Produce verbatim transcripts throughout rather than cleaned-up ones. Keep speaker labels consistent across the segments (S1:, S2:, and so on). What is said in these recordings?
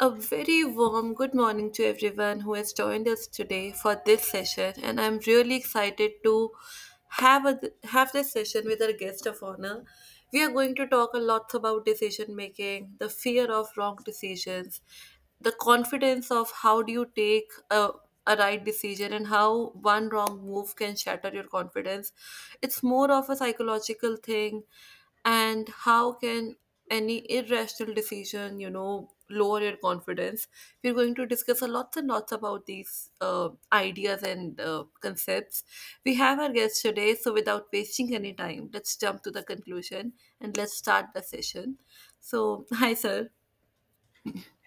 S1: A very warm good morning to everyone who has joined us today for this session, and I'm really excited to have a, have this session with our guest of honor. We are going to talk a lot about decision making, the fear of wrong decisions, the confidence of how do you take a a right decision and how one wrong move can shatter your confidence. It's more of a psychological thing and how can any irrational decision, you know, lower your confidence. We're going to discuss a lots and lots about these uh, ideas and uh, concepts. We have our guest today, so without wasting any time, let's jump to the conclusion and let's start the session. So, hi, sir.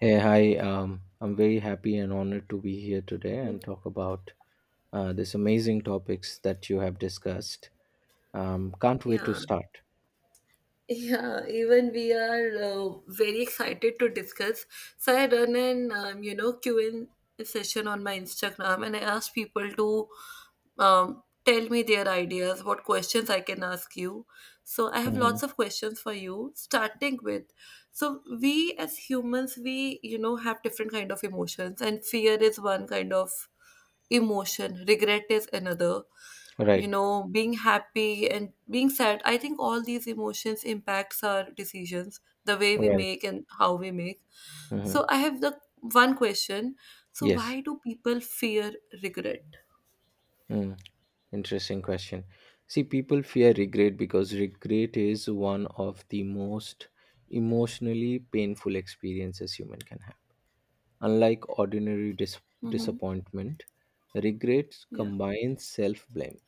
S2: Hey, hi. Um, I'm very happy and honored to be here today and talk about uh, these amazing topics that you have discussed. Um, can't wait to
S1: Yeah.
S2: start.
S1: Yeah, even we are uh, very excited to discuss. So I run an um, you know Q and A session on my Instagram, and I ask people to um, tell me their ideas, what questions I can ask you. So I have
S2: Hmm.
S1: lots of questions for you. Starting with, so we as humans, we you know have different kind of emotions, and fear is one kind of emotion, regret is another, you
S2: Right,
S1: know, being happy and being sad. I think all these emotions impacts our decisions, the way we
S2: right.
S1: make and how we make.
S2: Hmm.
S1: So I have the one question, so
S2: Yes.
S1: why do people fear regret?
S2: Mm. Interesting question. See, people fear regret because regret is one of the most emotionally painful experiences human can have. Unlike ordinary dis-
S1: Mm-hmm.
S2: disappointment, regret
S1: Yeah,
S2: combines self blame,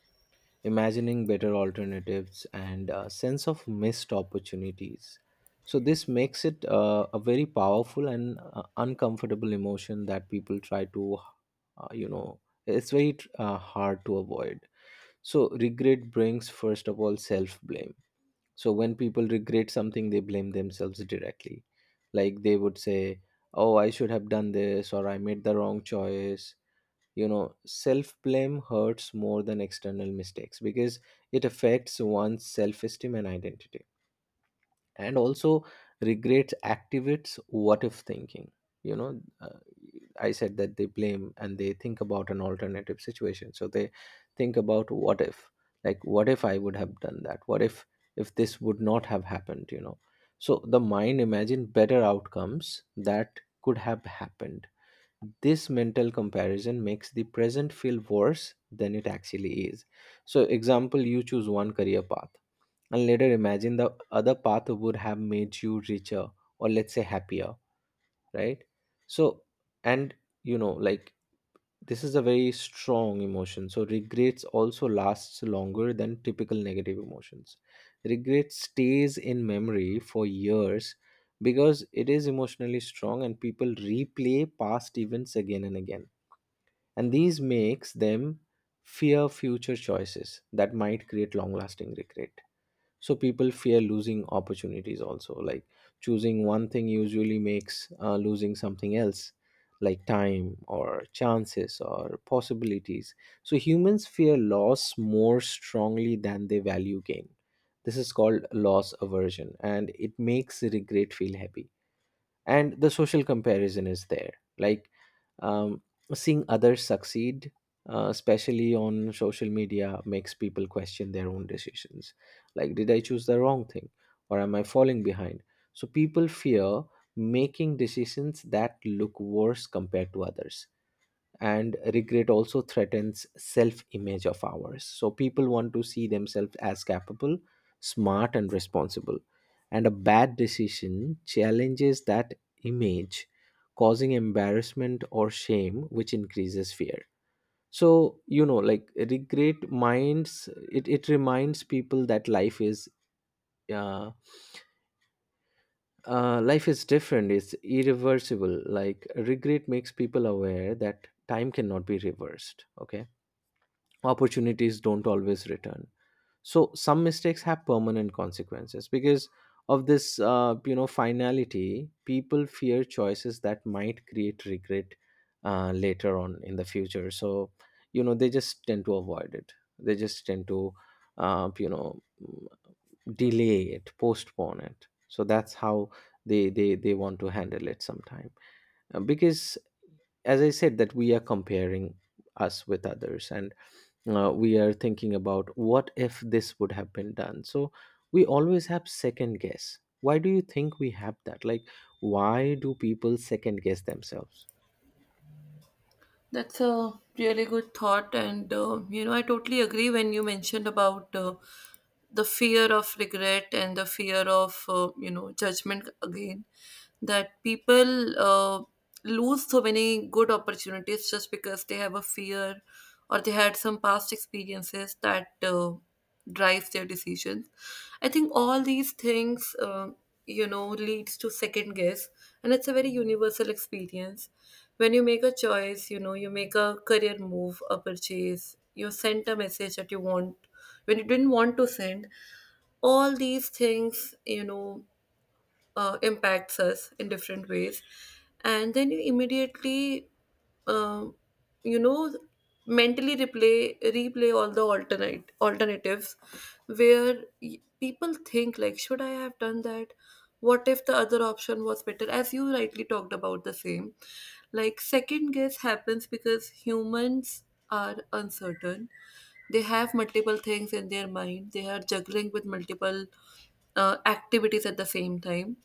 S2: imagining better alternatives, and a sense of missed opportunities. So, this makes it uh, a very powerful and uh, uncomfortable emotion that people try to, uh, you know, it's very uh, hard to avoid. So regret brings first of all self blame. So when people regret something, they blame themselves directly. Like they would say, "Oh, I should have done this," or "I made the wrong choice." You know, self blame hurts more than external mistakes because it affects one's self esteem and identity. And also, regret activates what if thinking. You know, uh, I said that they blame and they think about an alternative situation. So they think about what if, like, what if I would have done that? What if, if this would not have happened, you know? So the mind imagine better outcomes that could have happened. This mental comparison makes the present feel worse than it actually is. So, example, you choose one career path and later imagine the other path would have made you richer or let's say happier, right? So, and you know, like this is a very strong emotion. So, regrets also lasts longer than typical negative emotions. Regret stays in memory for years because it is emotionally strong and people replay past events again and again. And these makes them fear future choices that might create long lasting regret. So people fear losing opportunities also, like choosing one thing usually makes uh, losing something else, like time or chances or possibilities. So humans fear loss more strongly than they value gain. This is called loss aversion, and it makes regret feel heavy. And the social comparison is there, like um, seeing others succeed, uh, especially on social media, makes people question their own decisions, like did I choose the wrong thing or am I falling behind. So people fear making decisions that look worse compared to others. And regret also threatens self image of ours, so people want to see themselves as capable, smart, and responsible, and a bad decision challenges that image, causing embarrassment or shame, which increases fear. So you know, like regret minds it, it reminds people that life is uh, uh, life is different, it's irreversible. Like regret makes people aware that time cannot be reversed, okay, opportunities don't always return. So some mistakes have permanent consequences because of this uh, you know finality, people fear choices that might create regret uh, later on in the future. So you know, they just tend to avoid it, they just tend to, uh, you know mm, delay it, postpone it. So that's how they they they want to handle it sometime. Uh, because as I said that we are comparing us with others and uh, we are thinking about what if this would have been done. So we always have second guess. Why do you think we have that, like why do people second guess themselves?
S1: that's a really good thought, and uh, you know, I totally agree when you mentioned about uh, the fear of regret and the fear of uh, you know judgment again. That people uh, lose so many good opportunities just because they have a fear or they had some past experiences that uh, drives their decisions. I think all these things, uh, you know, leads to second guess, and it's a very universal experience. When you make a choice, you know, you make a career move, a purchase, you send a message that you want when you didn't want to send. All these things, you know, uh, impacts us in different ways, and then you immediately um, you know mentally replay replay all the alternate alternatives, where y- people think like should I have done that, what if the other option was better, as you rightly talked about the same. Like, second guess happens because humans are uncertain. They have multiple things in their mind, they are juggling with multiple uh, activities at the same time,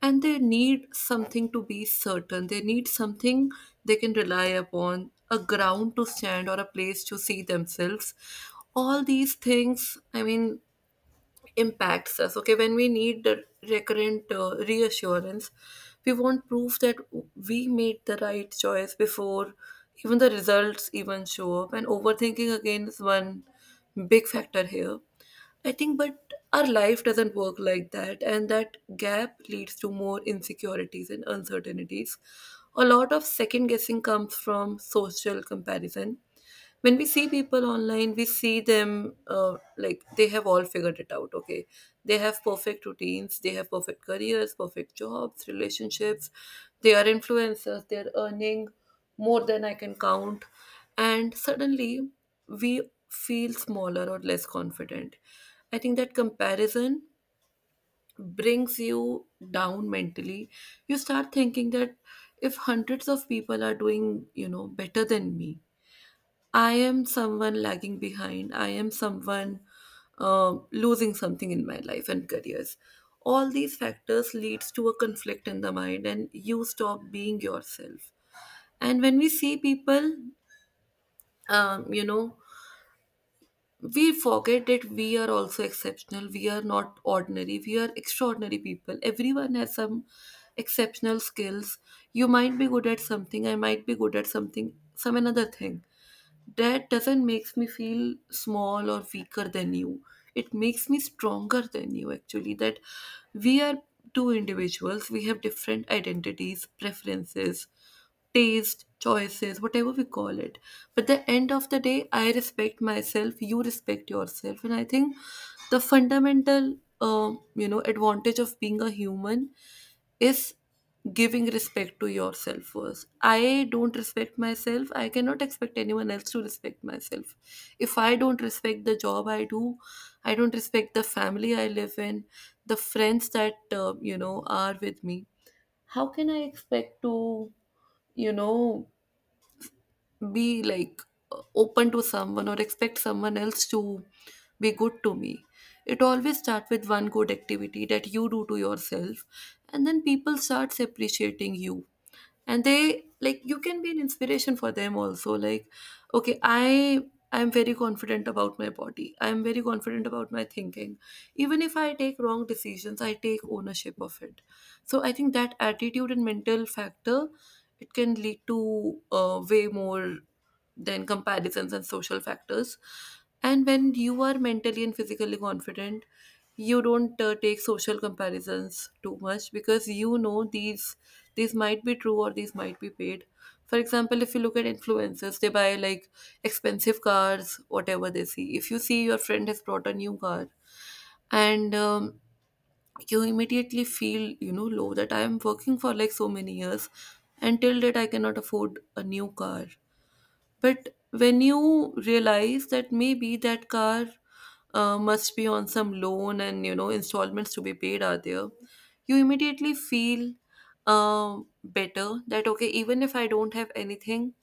S1: and they need something to be certain, they need something they can rely upon, a ground to stand or a place to see themselves. All these things, I mean, impacts us. Okay, when we need the recurrent uh, reassurance, we want proof that we made the right choice before even the results even show up. And overthinking again is one big factor here. I think, but our life doesn't work like that, and that gap leads to more insecurities and uncertainties. A lot of second guessing comes from social comparison. When we see people online, we see them, uh, like, they have all figured it out. Okay, they have perfect routines, they have perfect careers, perfect jobs, relationships, they are influencers, they're earning more than I can count, and suddenly we feel smaller or less confident. I think that comparison brings you down mentally. You start thinking that if hundreds of people are doing, you know, better than me, I am someone lagging behind. I am someone um losing something in my life and careers. All these factors leads to a conflict in the mind, and you stop being yourself. And when we see people, um, you know, we forget that we are also exceptional. We are not ordinary. We are extraordinary people. Everyone has some exceptional skills. You might be good at something. I might be good at something, some another thing. That doesn't makes me feel small or weaker than you, it makes me stronger than you, actually. That we are two individuals, we have different identities, preferences, taste, choices, whatever we call it. But the end of the day, I respect myself, you respect yourself, and I think the fundamental, um, you know, advantage of being a human is giving respect to yourself first. I don't respect myself, I cannot expect anyone else to respect myself. If I don't respect the job I do, I don't respect the family I live in, the friends that, uh, you know, are with me, how can I expect to, you know, be like open to someone or expect someone else to be good to me? It always starts with one good activity that you do to yourself, and then people starts appreciating you, and they like, you can be an inspiration for them also. Like, okay, i i'm very confident about my body, I'm very confident about my thinking. Even if I take wrong decisions, I take ownership of it. So I think that attitude and mental factor, it can lead to uh, way more than comparisons and social factors. And when you are mentally and physically confident, you don't uh, take social comparisons too much, because you know these these might be true or these might be paid. For example, if you look at influencers, they buy like expensive cars, whatever they see. If you see your friend has brought a new car and um, you immediately feel, you know, low that I am working for like so many years and till date I cannot afford a new car. But when you realize that maybe that car uh, must be on some loan and, you know, installments to be paid are there, you immediately feel um better that, okay, even if I don't have anything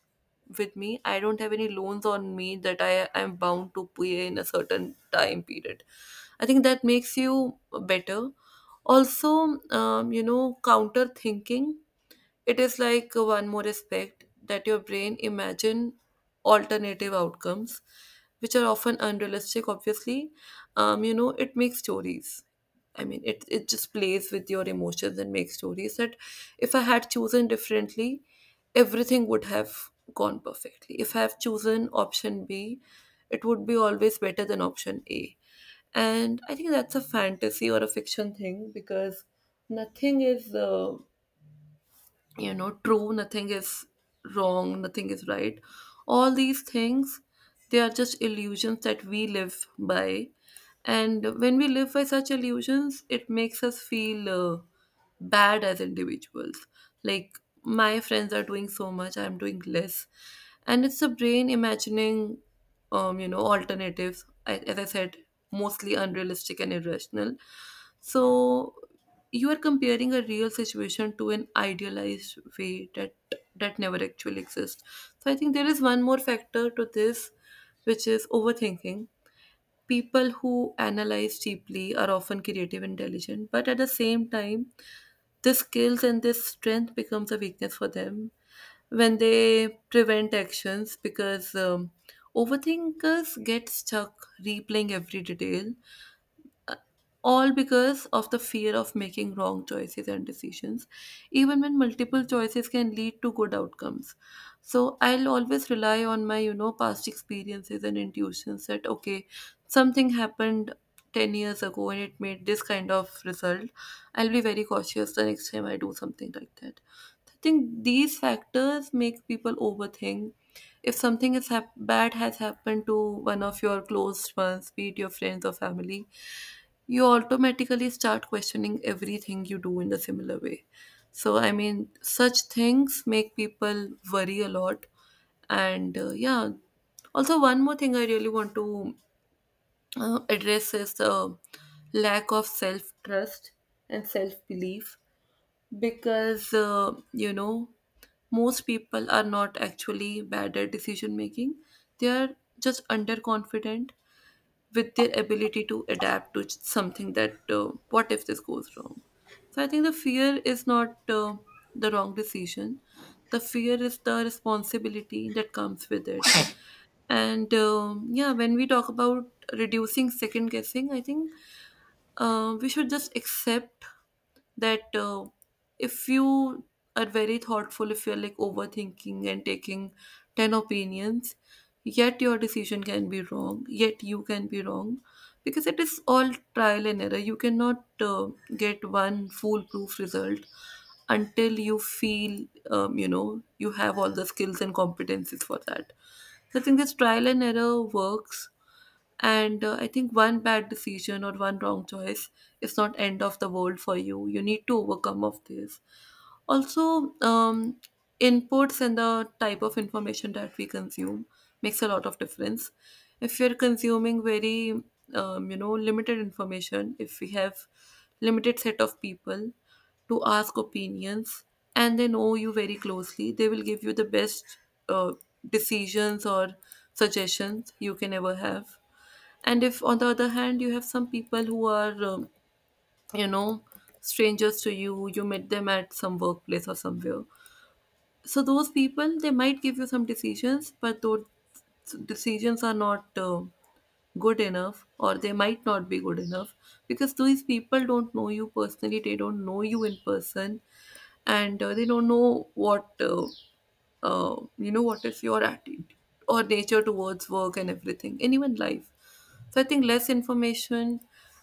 S1: with me, I don't have any loans on me that I am bound to pay in a certain time period. I think that makes you better. Also, um, you know, counter thinking, it is like one more aspect that your brain imagine alternative outcomes, which are often unrealistic. Obviously, um, you know, it makes stories. I mean, it it just plays with your emotions and makes stories that if I had chosen differently, everything would have gone perfectly. If I have chosen option B, it would be always better than option A. And I think that's a fantasy or a fiction thing, because nothing is. Uh, you know, true, nothing is wrong, nothing is right. All these things, they are just illusions that we live by, and when we live by such illusions, it makes us feel uh, bad as individuals. Like, my friends are doing so much, I'm doing less, and it's the brain imagining, um you know alternatives, I- as I said, mostly unrealistic and irrational. So you are comparing a real situation to an idealized way that that never actually exists. So I think there is one more factor to this, which is overthinking. People who analyze deeply are often creative, intelligent, but at the same time this skills and this strength becomes a weakness for them when they prevent actions, because um, overthinkers get stuck replaying every detail, uh, all because of the fear of making wrong choices and decisions, even when multiple choices can lead to good outcomes. So I'll always rely on my, you know, past experiences and intuitions that, okay, something happened ten years ago and it made this kind of result. I'll be very cautious the next time I do something like that. I think these factors make people overthink. If something is hap- bad has happened to one of your close ones, be it your friends or family, you automatically start questioning everything you do in a similar way. So, I mean, such things make people worry a lot. And uh, yeah, also, one more thing I really want to uh, address is the lack of self trust and self belief. Because, uh, you know, most people are not actually bad at decision making, they are just underconfident with their ability to adapt to something that, uh, what if this goes wrong? So I think the fear is not uh, the wrong decision, the fear is the responsibility that comes with it. And um, yeah, when we talk about reducing second guessing, I think uh, we should just accept that, uh, if you are very thoughtful, if you're like overthinking and taking ten opinions, yet your decision can be wrong, yet you can be wrong, because it is all trial and error. You cannot uh, get one foolproof result until you feel, um, you know, you have all the skills and competencies for that. So I think this trial and error works, and uh, I think one bad decision or one wrong choice is not end of the world for you. You need to overcome of this. Also, um, inputs and the type of information that we consume makes a lot of difference. If we are consuming very, um, you know, limited information, if we have limited set of people to ask opinions, and they know you very closely, they will give you the best uh, decisions or suggestions you can ever have. And if, on the other hand, you have some people who are um, you know strangers to you, you met them at some workplace or somewhere, so those people, they might give you some decisions, but those decisions are not uh, good enough, or they might not be good enough, because these people don't know you personally, they don't know you in person, and uh, they don't know what uh, uh, you know what is your attitude or nature towards work and everything, and even life. So I think less information,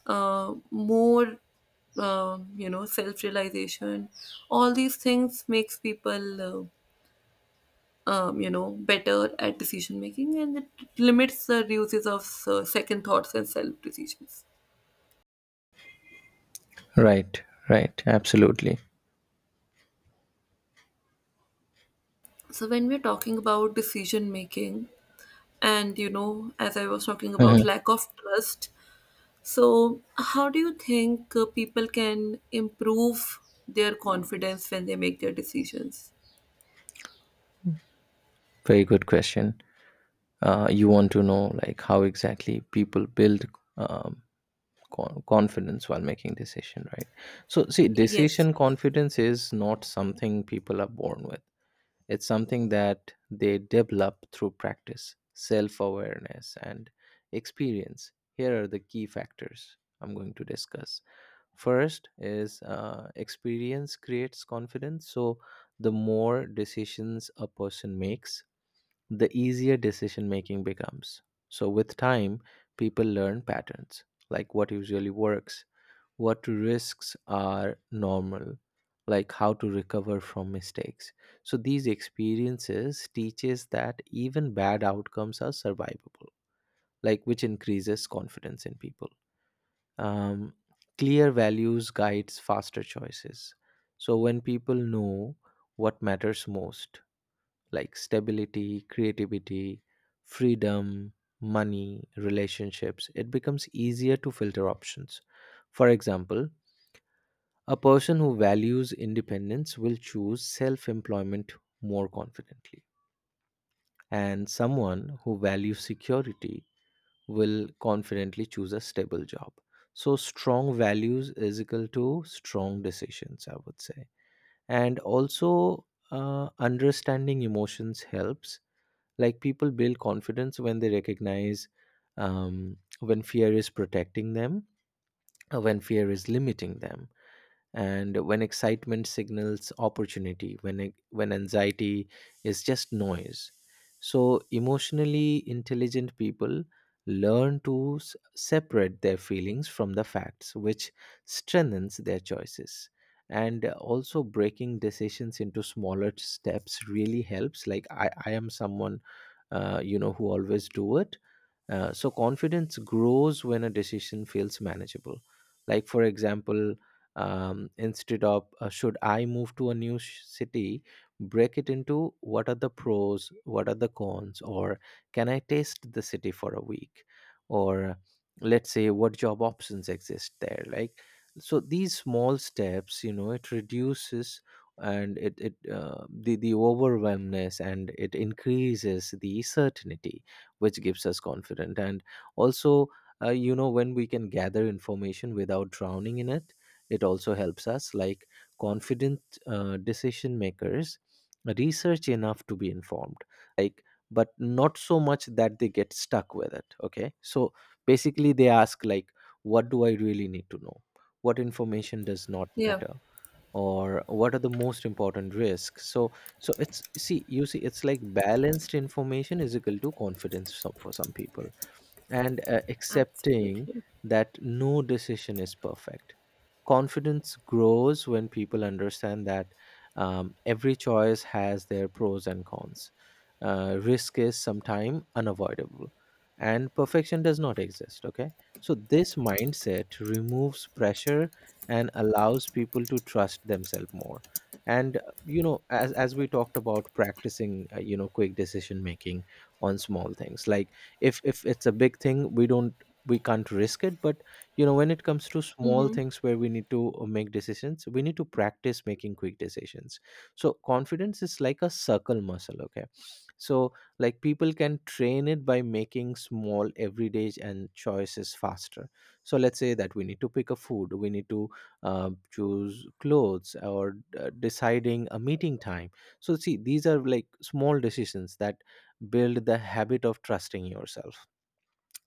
S1: uh, more um, you know self-realization, all these things makes people uh, um, you know better at decision making, and it limits the uses of uh, second thoughts and self decisions.
S2: Right, right, absolutely.
S1: So when we're talking about decision making and, you know, as I was talking about
S2: Mhm.
S1: lack of trust, so how do you think uh, people can improve their confidence when they make their decisions?
S2: Very good question. Uh, you want to know like how exactly people build um, con- confidence while making decision, right? So, see,
S1: Yes,
S2: decision
S1: yes,
S2: confidence is not something people are born with. It's something that they develop through practice, self awareness, and experience. Here are the key factors I'm going to discuss. First is uh, experience creates confidence. So, the more decisions a person makes, the easier decision making becomes. So, with time, people learn patterns like what usually works, what risks are normal, like how to recover from mistakes. So these experiences teaches that even bad outcomes are survivable, like which increases confidence in people. um, Clear values guides faster choices. So when people know what matters most, like stability, creativity, freedom, money, relationships, it becomes easier to filter options. For example, a person who values independence will choose self employment more confidently, and someone who values security will confidently choose a stable job. So, strong values is equal to strong decisions, I would say. And also, uh, understanding emotions helps. Like, people build confidence when they recognize um, when fear is protecting them, uh, when fear is limiting them, and when excitement signals opportunity, when a- when anxiety is just noise. So emotionally intelligent people learn to s- separate their feelings from the facts, which strengthens their choices. And uh, also breaking decisions into smaller steps really helps, like i, I am someone uh, you know who always do it. Uh, so confidence grows when a decision feels manageable. Like for example, um, instead of uh, should I move to a new sh- city, break it into what are the pros, what are the cons, or can I taste the city for a week, or let's say what job options exist there. Like so, these small steps, you know, it reduces and it it uh, the the overwhelmness and it increases the certainty, which gives us confidence. And also, uh, you know when we can gather information without drowning in it, it also helps us. Like confident uh, decision makers research enough to be informed, like but not so much that they get stuck with it, okay. So basically they ask like, what do I really need to know, what information does not
S1: yeah,
S2: matter, or what are the most important risks. So so it's see you see it's like balanced information is equal to confidence, so- for some people. And uh, accepting
S1: absolutely.
S2: that no decision is perfect. Confidence grows when people understand that um, every choice has their pros and cons. Uh, risk is sometimes unavoidable, and perfection does not exist. Okay, so this mindset removes pressure and allows people to trust themselves more. And uh, you know, as as we talked about practicing, uh, you know, quick decision making on small things, like if if it's a big thing, we don't, we can't risk it, but you know, when it comes to small
S1: Mm-hmm.
S2: things where we need to uh, make decisions, we need to practice making quick decisions. So confidence is like a circle muscle, okay. So like people can train it by making small everyday and choices faster. So let's say that we need to pick a food, we need to uh, choose clothes or uh, deciding a meeting time. So see, these are like small decisions that build the habit of trusting yourself,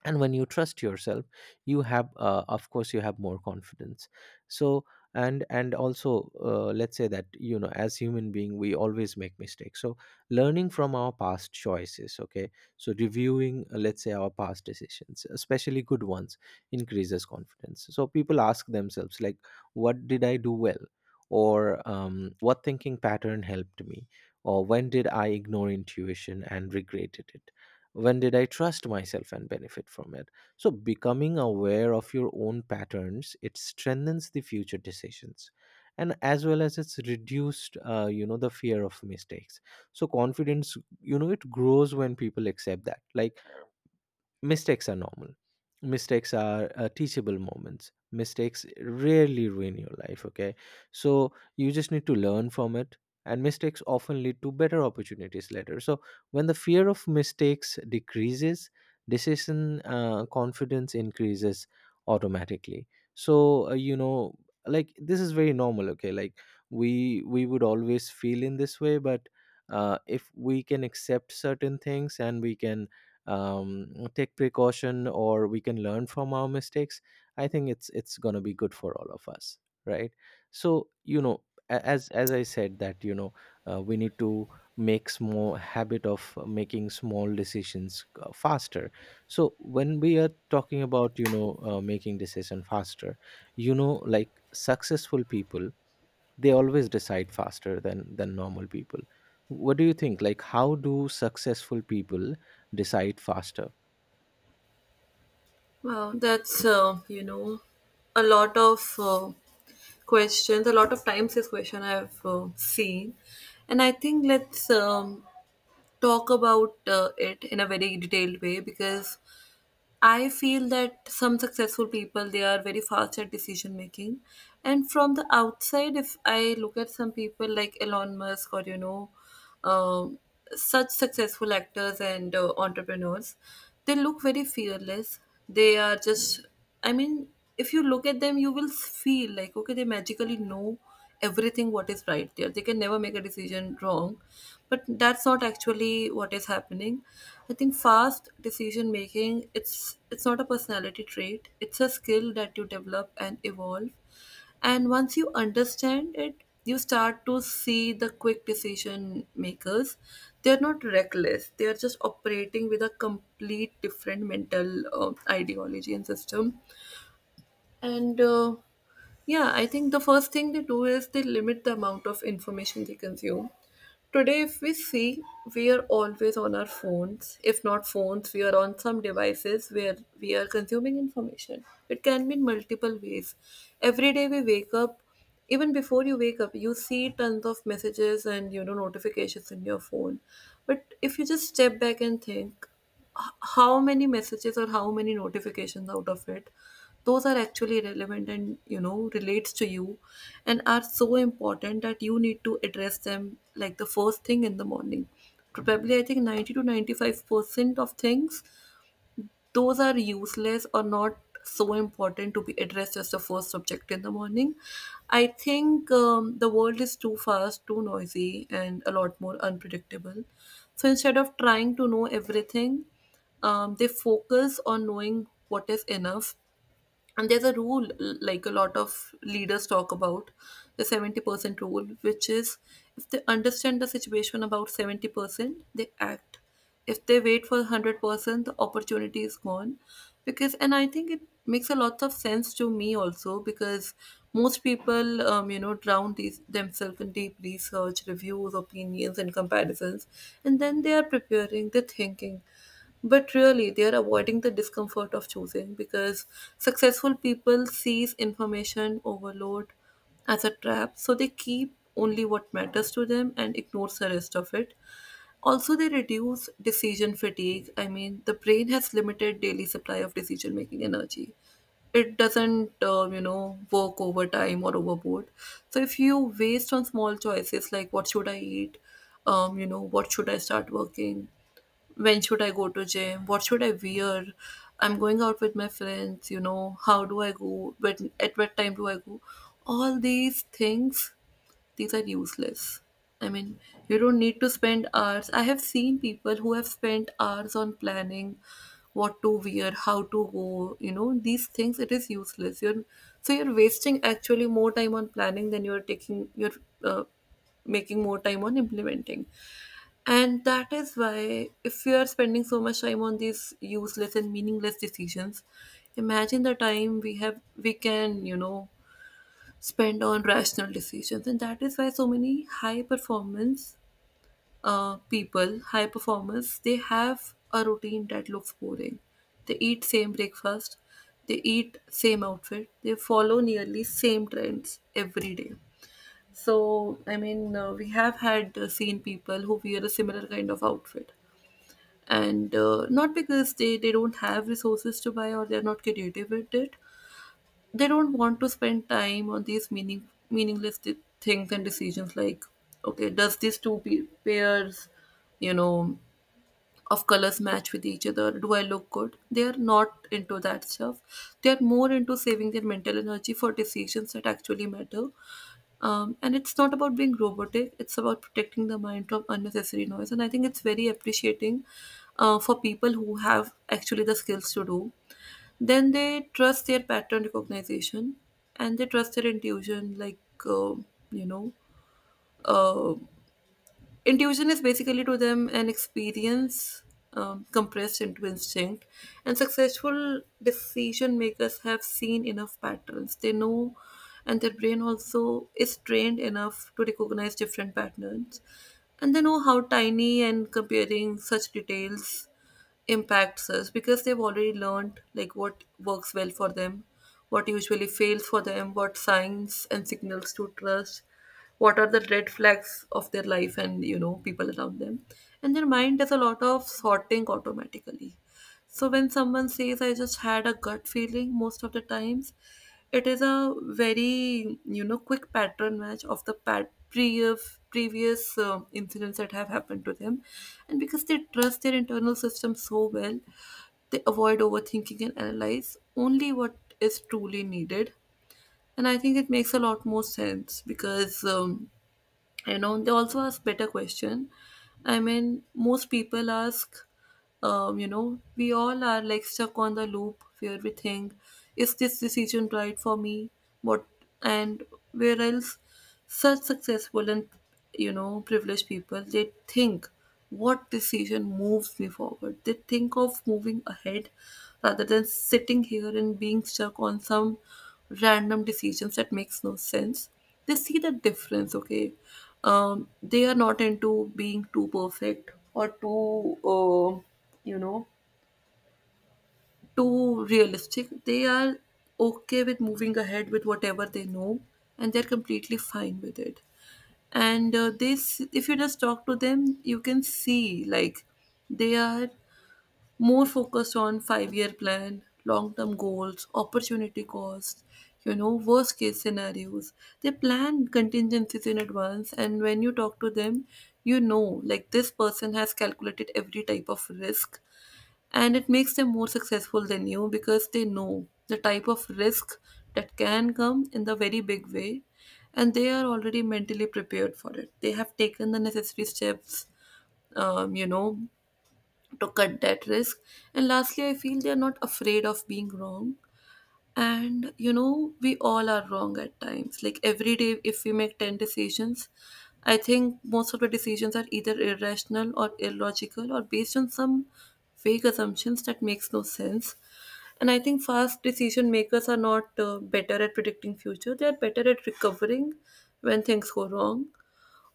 S2: and when you trust yourself, you have uh, of course you have more confidence. So and and also, uh, let's say that you know, as human being we always make mistakes, so learning from our past choices, okay. So reviewing uh, let's say our past decisions, especially good ones, increases confidence. So people ask themselves like, what did I do well, or um, what thinking pattern helped me, or when did I ignore intuition and regretted it, when did I trust myself and benefit from it. So becoming aware of your own patterns, it strengthens the future decisions, and as well as it's reduced uh, you know the fear of mistakes. So confidence, you know, it grows when people accept that like mistakes are normal, mistakes are uh, teachable moments, mistakes rarely ruin your life, okay. So you just need to learn from it, and mistakes often lead to better opportunities later. So when the fear of mistakes decreases, decision uh, confidence increases automatically. So uh, you know, like this is very normal, okay, like we we would always feel in this way, but uh, if we can accept certain things and we can um, take precaution or we can learn from our mistakes, I think it's it's going to be good for all of us, right? So you know, a- as as I said that you know, uh, we need to make small habit of making small decisions uh, faster. So when we are talking about you know, uh, making decision faster, you know, like successful people, they always decide faster than than normal people. What do you think, like how do successful people decide faster?
S1: Wow, that's uh, you know a lot of uh, questions. A lot of times this question I've uh, seen, and I think let's um, talk about uh, it in a very detailed way, because I feel that some successful people, they are very fast at decision making, and from the outside, if I look at some people like Elon Musk, or, you know, um, such successful actors and uh, entrepreneurs, they look very fearless. They are just, I mean, if you look at them, you will feel like, okay, they magically know everything, what is right, there they can never make a decision wrong. But that's not actually what is happening. I think fast decision making, it's it's not a personality trait, it's a skill that you develop and evolve. And once you understand it, you start to see the quick decision makers, they're not reckless, they're just operating with a complete different mental uh, ideology and system. And uh, yeah, I think the first thing they do is they limit the amount of information they consume. Today, if we see, we are always on our phones. If not phones, we are on some devices where we are consuming information. It can be in multiple ways. Every day we wake up, even before you wake up, you see tons of messages and, you know, notifications in your phone. But if you just step back and think, h- how many messages or how many notifications out of it, those are actually relevant and, you know, relates to you, and are so important that you need to address them like the first thing in the morning. Probably I think ninety to ninety-five percent of things, those are useless or not so important to be addressed as the first subject in the morning. I think um, the world is too fast, too noisy, and a lot more unpredictable. So instead of trying to know everything, um, they focus on knowing what is enough. And there's a rule, like a lot of leaders talk about, the seventy percent rule, which is, if they understand the situation about seventy percent, they act. If they wait for one hundred percent, the opportunity is gone. Because, and I think it makes a lot of sense to me also, because most people um, you know, drown these themselves in deep research, reviews, opinions, and comparisons, and then they are preparing, they're thinking, but really, they are avoiding the discomfort of choosing, because successful people sees information overload as a trap, so they keep only what matters to them and ignores the rest of it. Also, they reduce decision fatigue. I mean, the brain has limited daily supply of decision making energy. It doesn't, uh, you know, work overtime or overboard. So if you waste on small choices like, what should I eat, um, you know, what should I start working, when should I go to gym? What should I wear? I'm going out with my friends, you know, how do I go? When, at what time do I go? All these things, these are useless. I mean, you don't need to spend hours. I have seen people who have spent hours on planning what to wear, how to go, you know, these things, it is useless. You're, so you're wasting actually more time on planning than you're taking, you're uh, making more time on implementing. And that is why, if you are spending so much time on these useless and meaningless decisions, imagine the time we have, we can, you know, spend on rational decisions. And that is why so many high performance uh, people, high performers, they have a routine that looks boring. They eat same breakfast, they eat same outfit, they follow nearly same trends every day. So, I mean, uh, we have had uh, seen people who wear a similar kind of outfit, and uh, not because they they don't have resources to buy, or they're not creative at it, they don't want to spend time on these meaning meaningless th- things and decisions like, okay, does these two pe- pairs, you know, of colors match with each other, do I look good? They are not into that stuff, they are more into saving their mental energy for decisions that actually matter. Um, and it's not about being robotic, it's about protecting the mind from unnecessary noise. And I think it's very appreciating uh, for people who have actually the skills to do. Then they trust their pattern recognition, and they trust their intuition, like, uh, you know. Uh, intuition is basically to them an experience um, compressed into instinct, and successful decision makers have seen enough patterns. They know, and their brain also is trained enough to recognize different patterns, and they know how tiny and comparing such details impacts us, because they've already learned, like, what works well for them, what usually fails for them, what signs and signals to trust, what are the red flags of their life and, you know, people around them. And their mind does a lot of sorting automatically. So when someone says, I just had a gut feeling, most of the times it is a very, you know, quick pattern match of the pat- previous previous uh, incidents that have happened to them. And because they trust their internal system so well, they avoid overthinking and analyze only what is truly needed. And I think it makes a lot more sense, because um, you know they also ask better question. I mean, most people ask, um, you know, we all are like stuck on the loop where we think, is this decision right for me? What, and where else, such successful and, you know, privileged people, they think, what decision moves me forward. They think of moving ahead rather than sitting here and being stuck on some random decisions that makes no sense. They see the difference, okay? Um, they are not into being too perfect or too. Uh, you know, too realistic. They are okay with moving ahead with whatever they know, and they're completely fine with it. And uh, this, if you just talk to them, you can see, like, they are more focused on five-year plan, long-term goals, opportunity costs, you know, worst-case scenarios. They plan contingencies in advance, and when you talk to them, you know, like, this person has calculated every type of risk, and it makes them more successful than you, because they know the type of risk that can come in the very big way, and they are already mentally prepared for it. They have taken the necessary steps, um, you know to cut that risk. And lastly, I feel they are not afraid of being wrong. And, you know, we all are wrong at times. Like every day, if we make ten decisions, I think most of the decisions are either irrational or illogical or based on some vague assumptions that makes no sense. And I think fast decision makers are not uh, better at predicting future. They are better at recovering when things go wrong.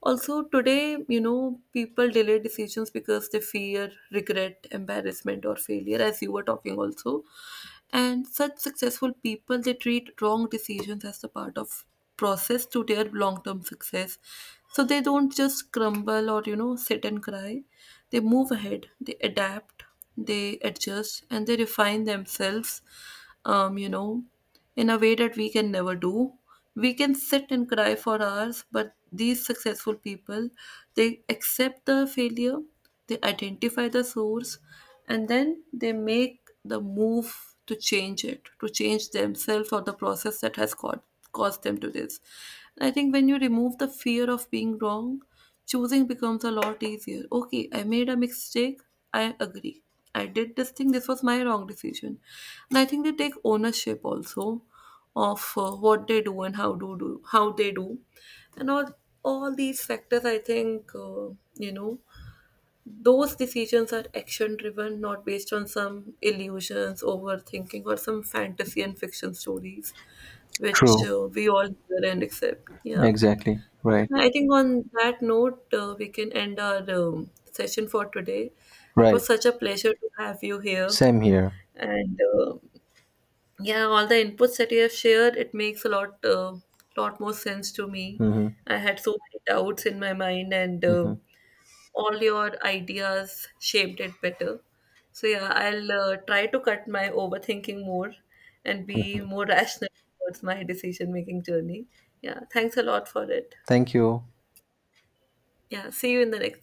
S1: Also, today, you know, people delay decisions because they fear regret, embarrassment, or failure, as you were talking also. And such successful people, they treat wrong decisions as the part of process to their long-term success. So they don't just crumble, or, you know, sit and cry. They move ahead, they adapt, they adjust, and they refine themselves, um, you know in a way that we can never do. We can sit and cry for hours, but these successful people, they accept the failure, they identify the source, and then they make the move to change it, to change themselves or the process that has caused, caused them to this. I think when you remove the fear of being wrong, choosing becomes a lot easier. Okay, I made a mistake, I agree. I did this thing. This was my wrong decision. And I think they take ownership also of uh, what they do and how do do how they do, and all all these factors. I think uh, you know those decisions are action driven, not based on some illusions, overthinking, or some fantasy and fiction stories, which
S2: True.
S1: uh, we all hear and accept. Yeah.
S2: Exactly. Right.
S1: Yeah, I think on that note, uh, we can end our um, session for today. It
S2: Right.
S1: was such a pleasure to have you here.
S2: Same here.
S1: And uh, yeah, all the inputs that you have shared, it makes a lot, uh, lot more sense to me.
S2: Mm-hmm.
S1: I had so many doubts in my mind, and uh,
S2: Mm-hmm.
S1: all your ideas shaped it better. So yeah, I'll uh, try to cut my overthinking more and be
S2: Mm-hmm.
S1: more rational towards my decision-making journey. Yeah, thanks a lot for it.
S2: Thank you.
S1: Yeah, see you in the next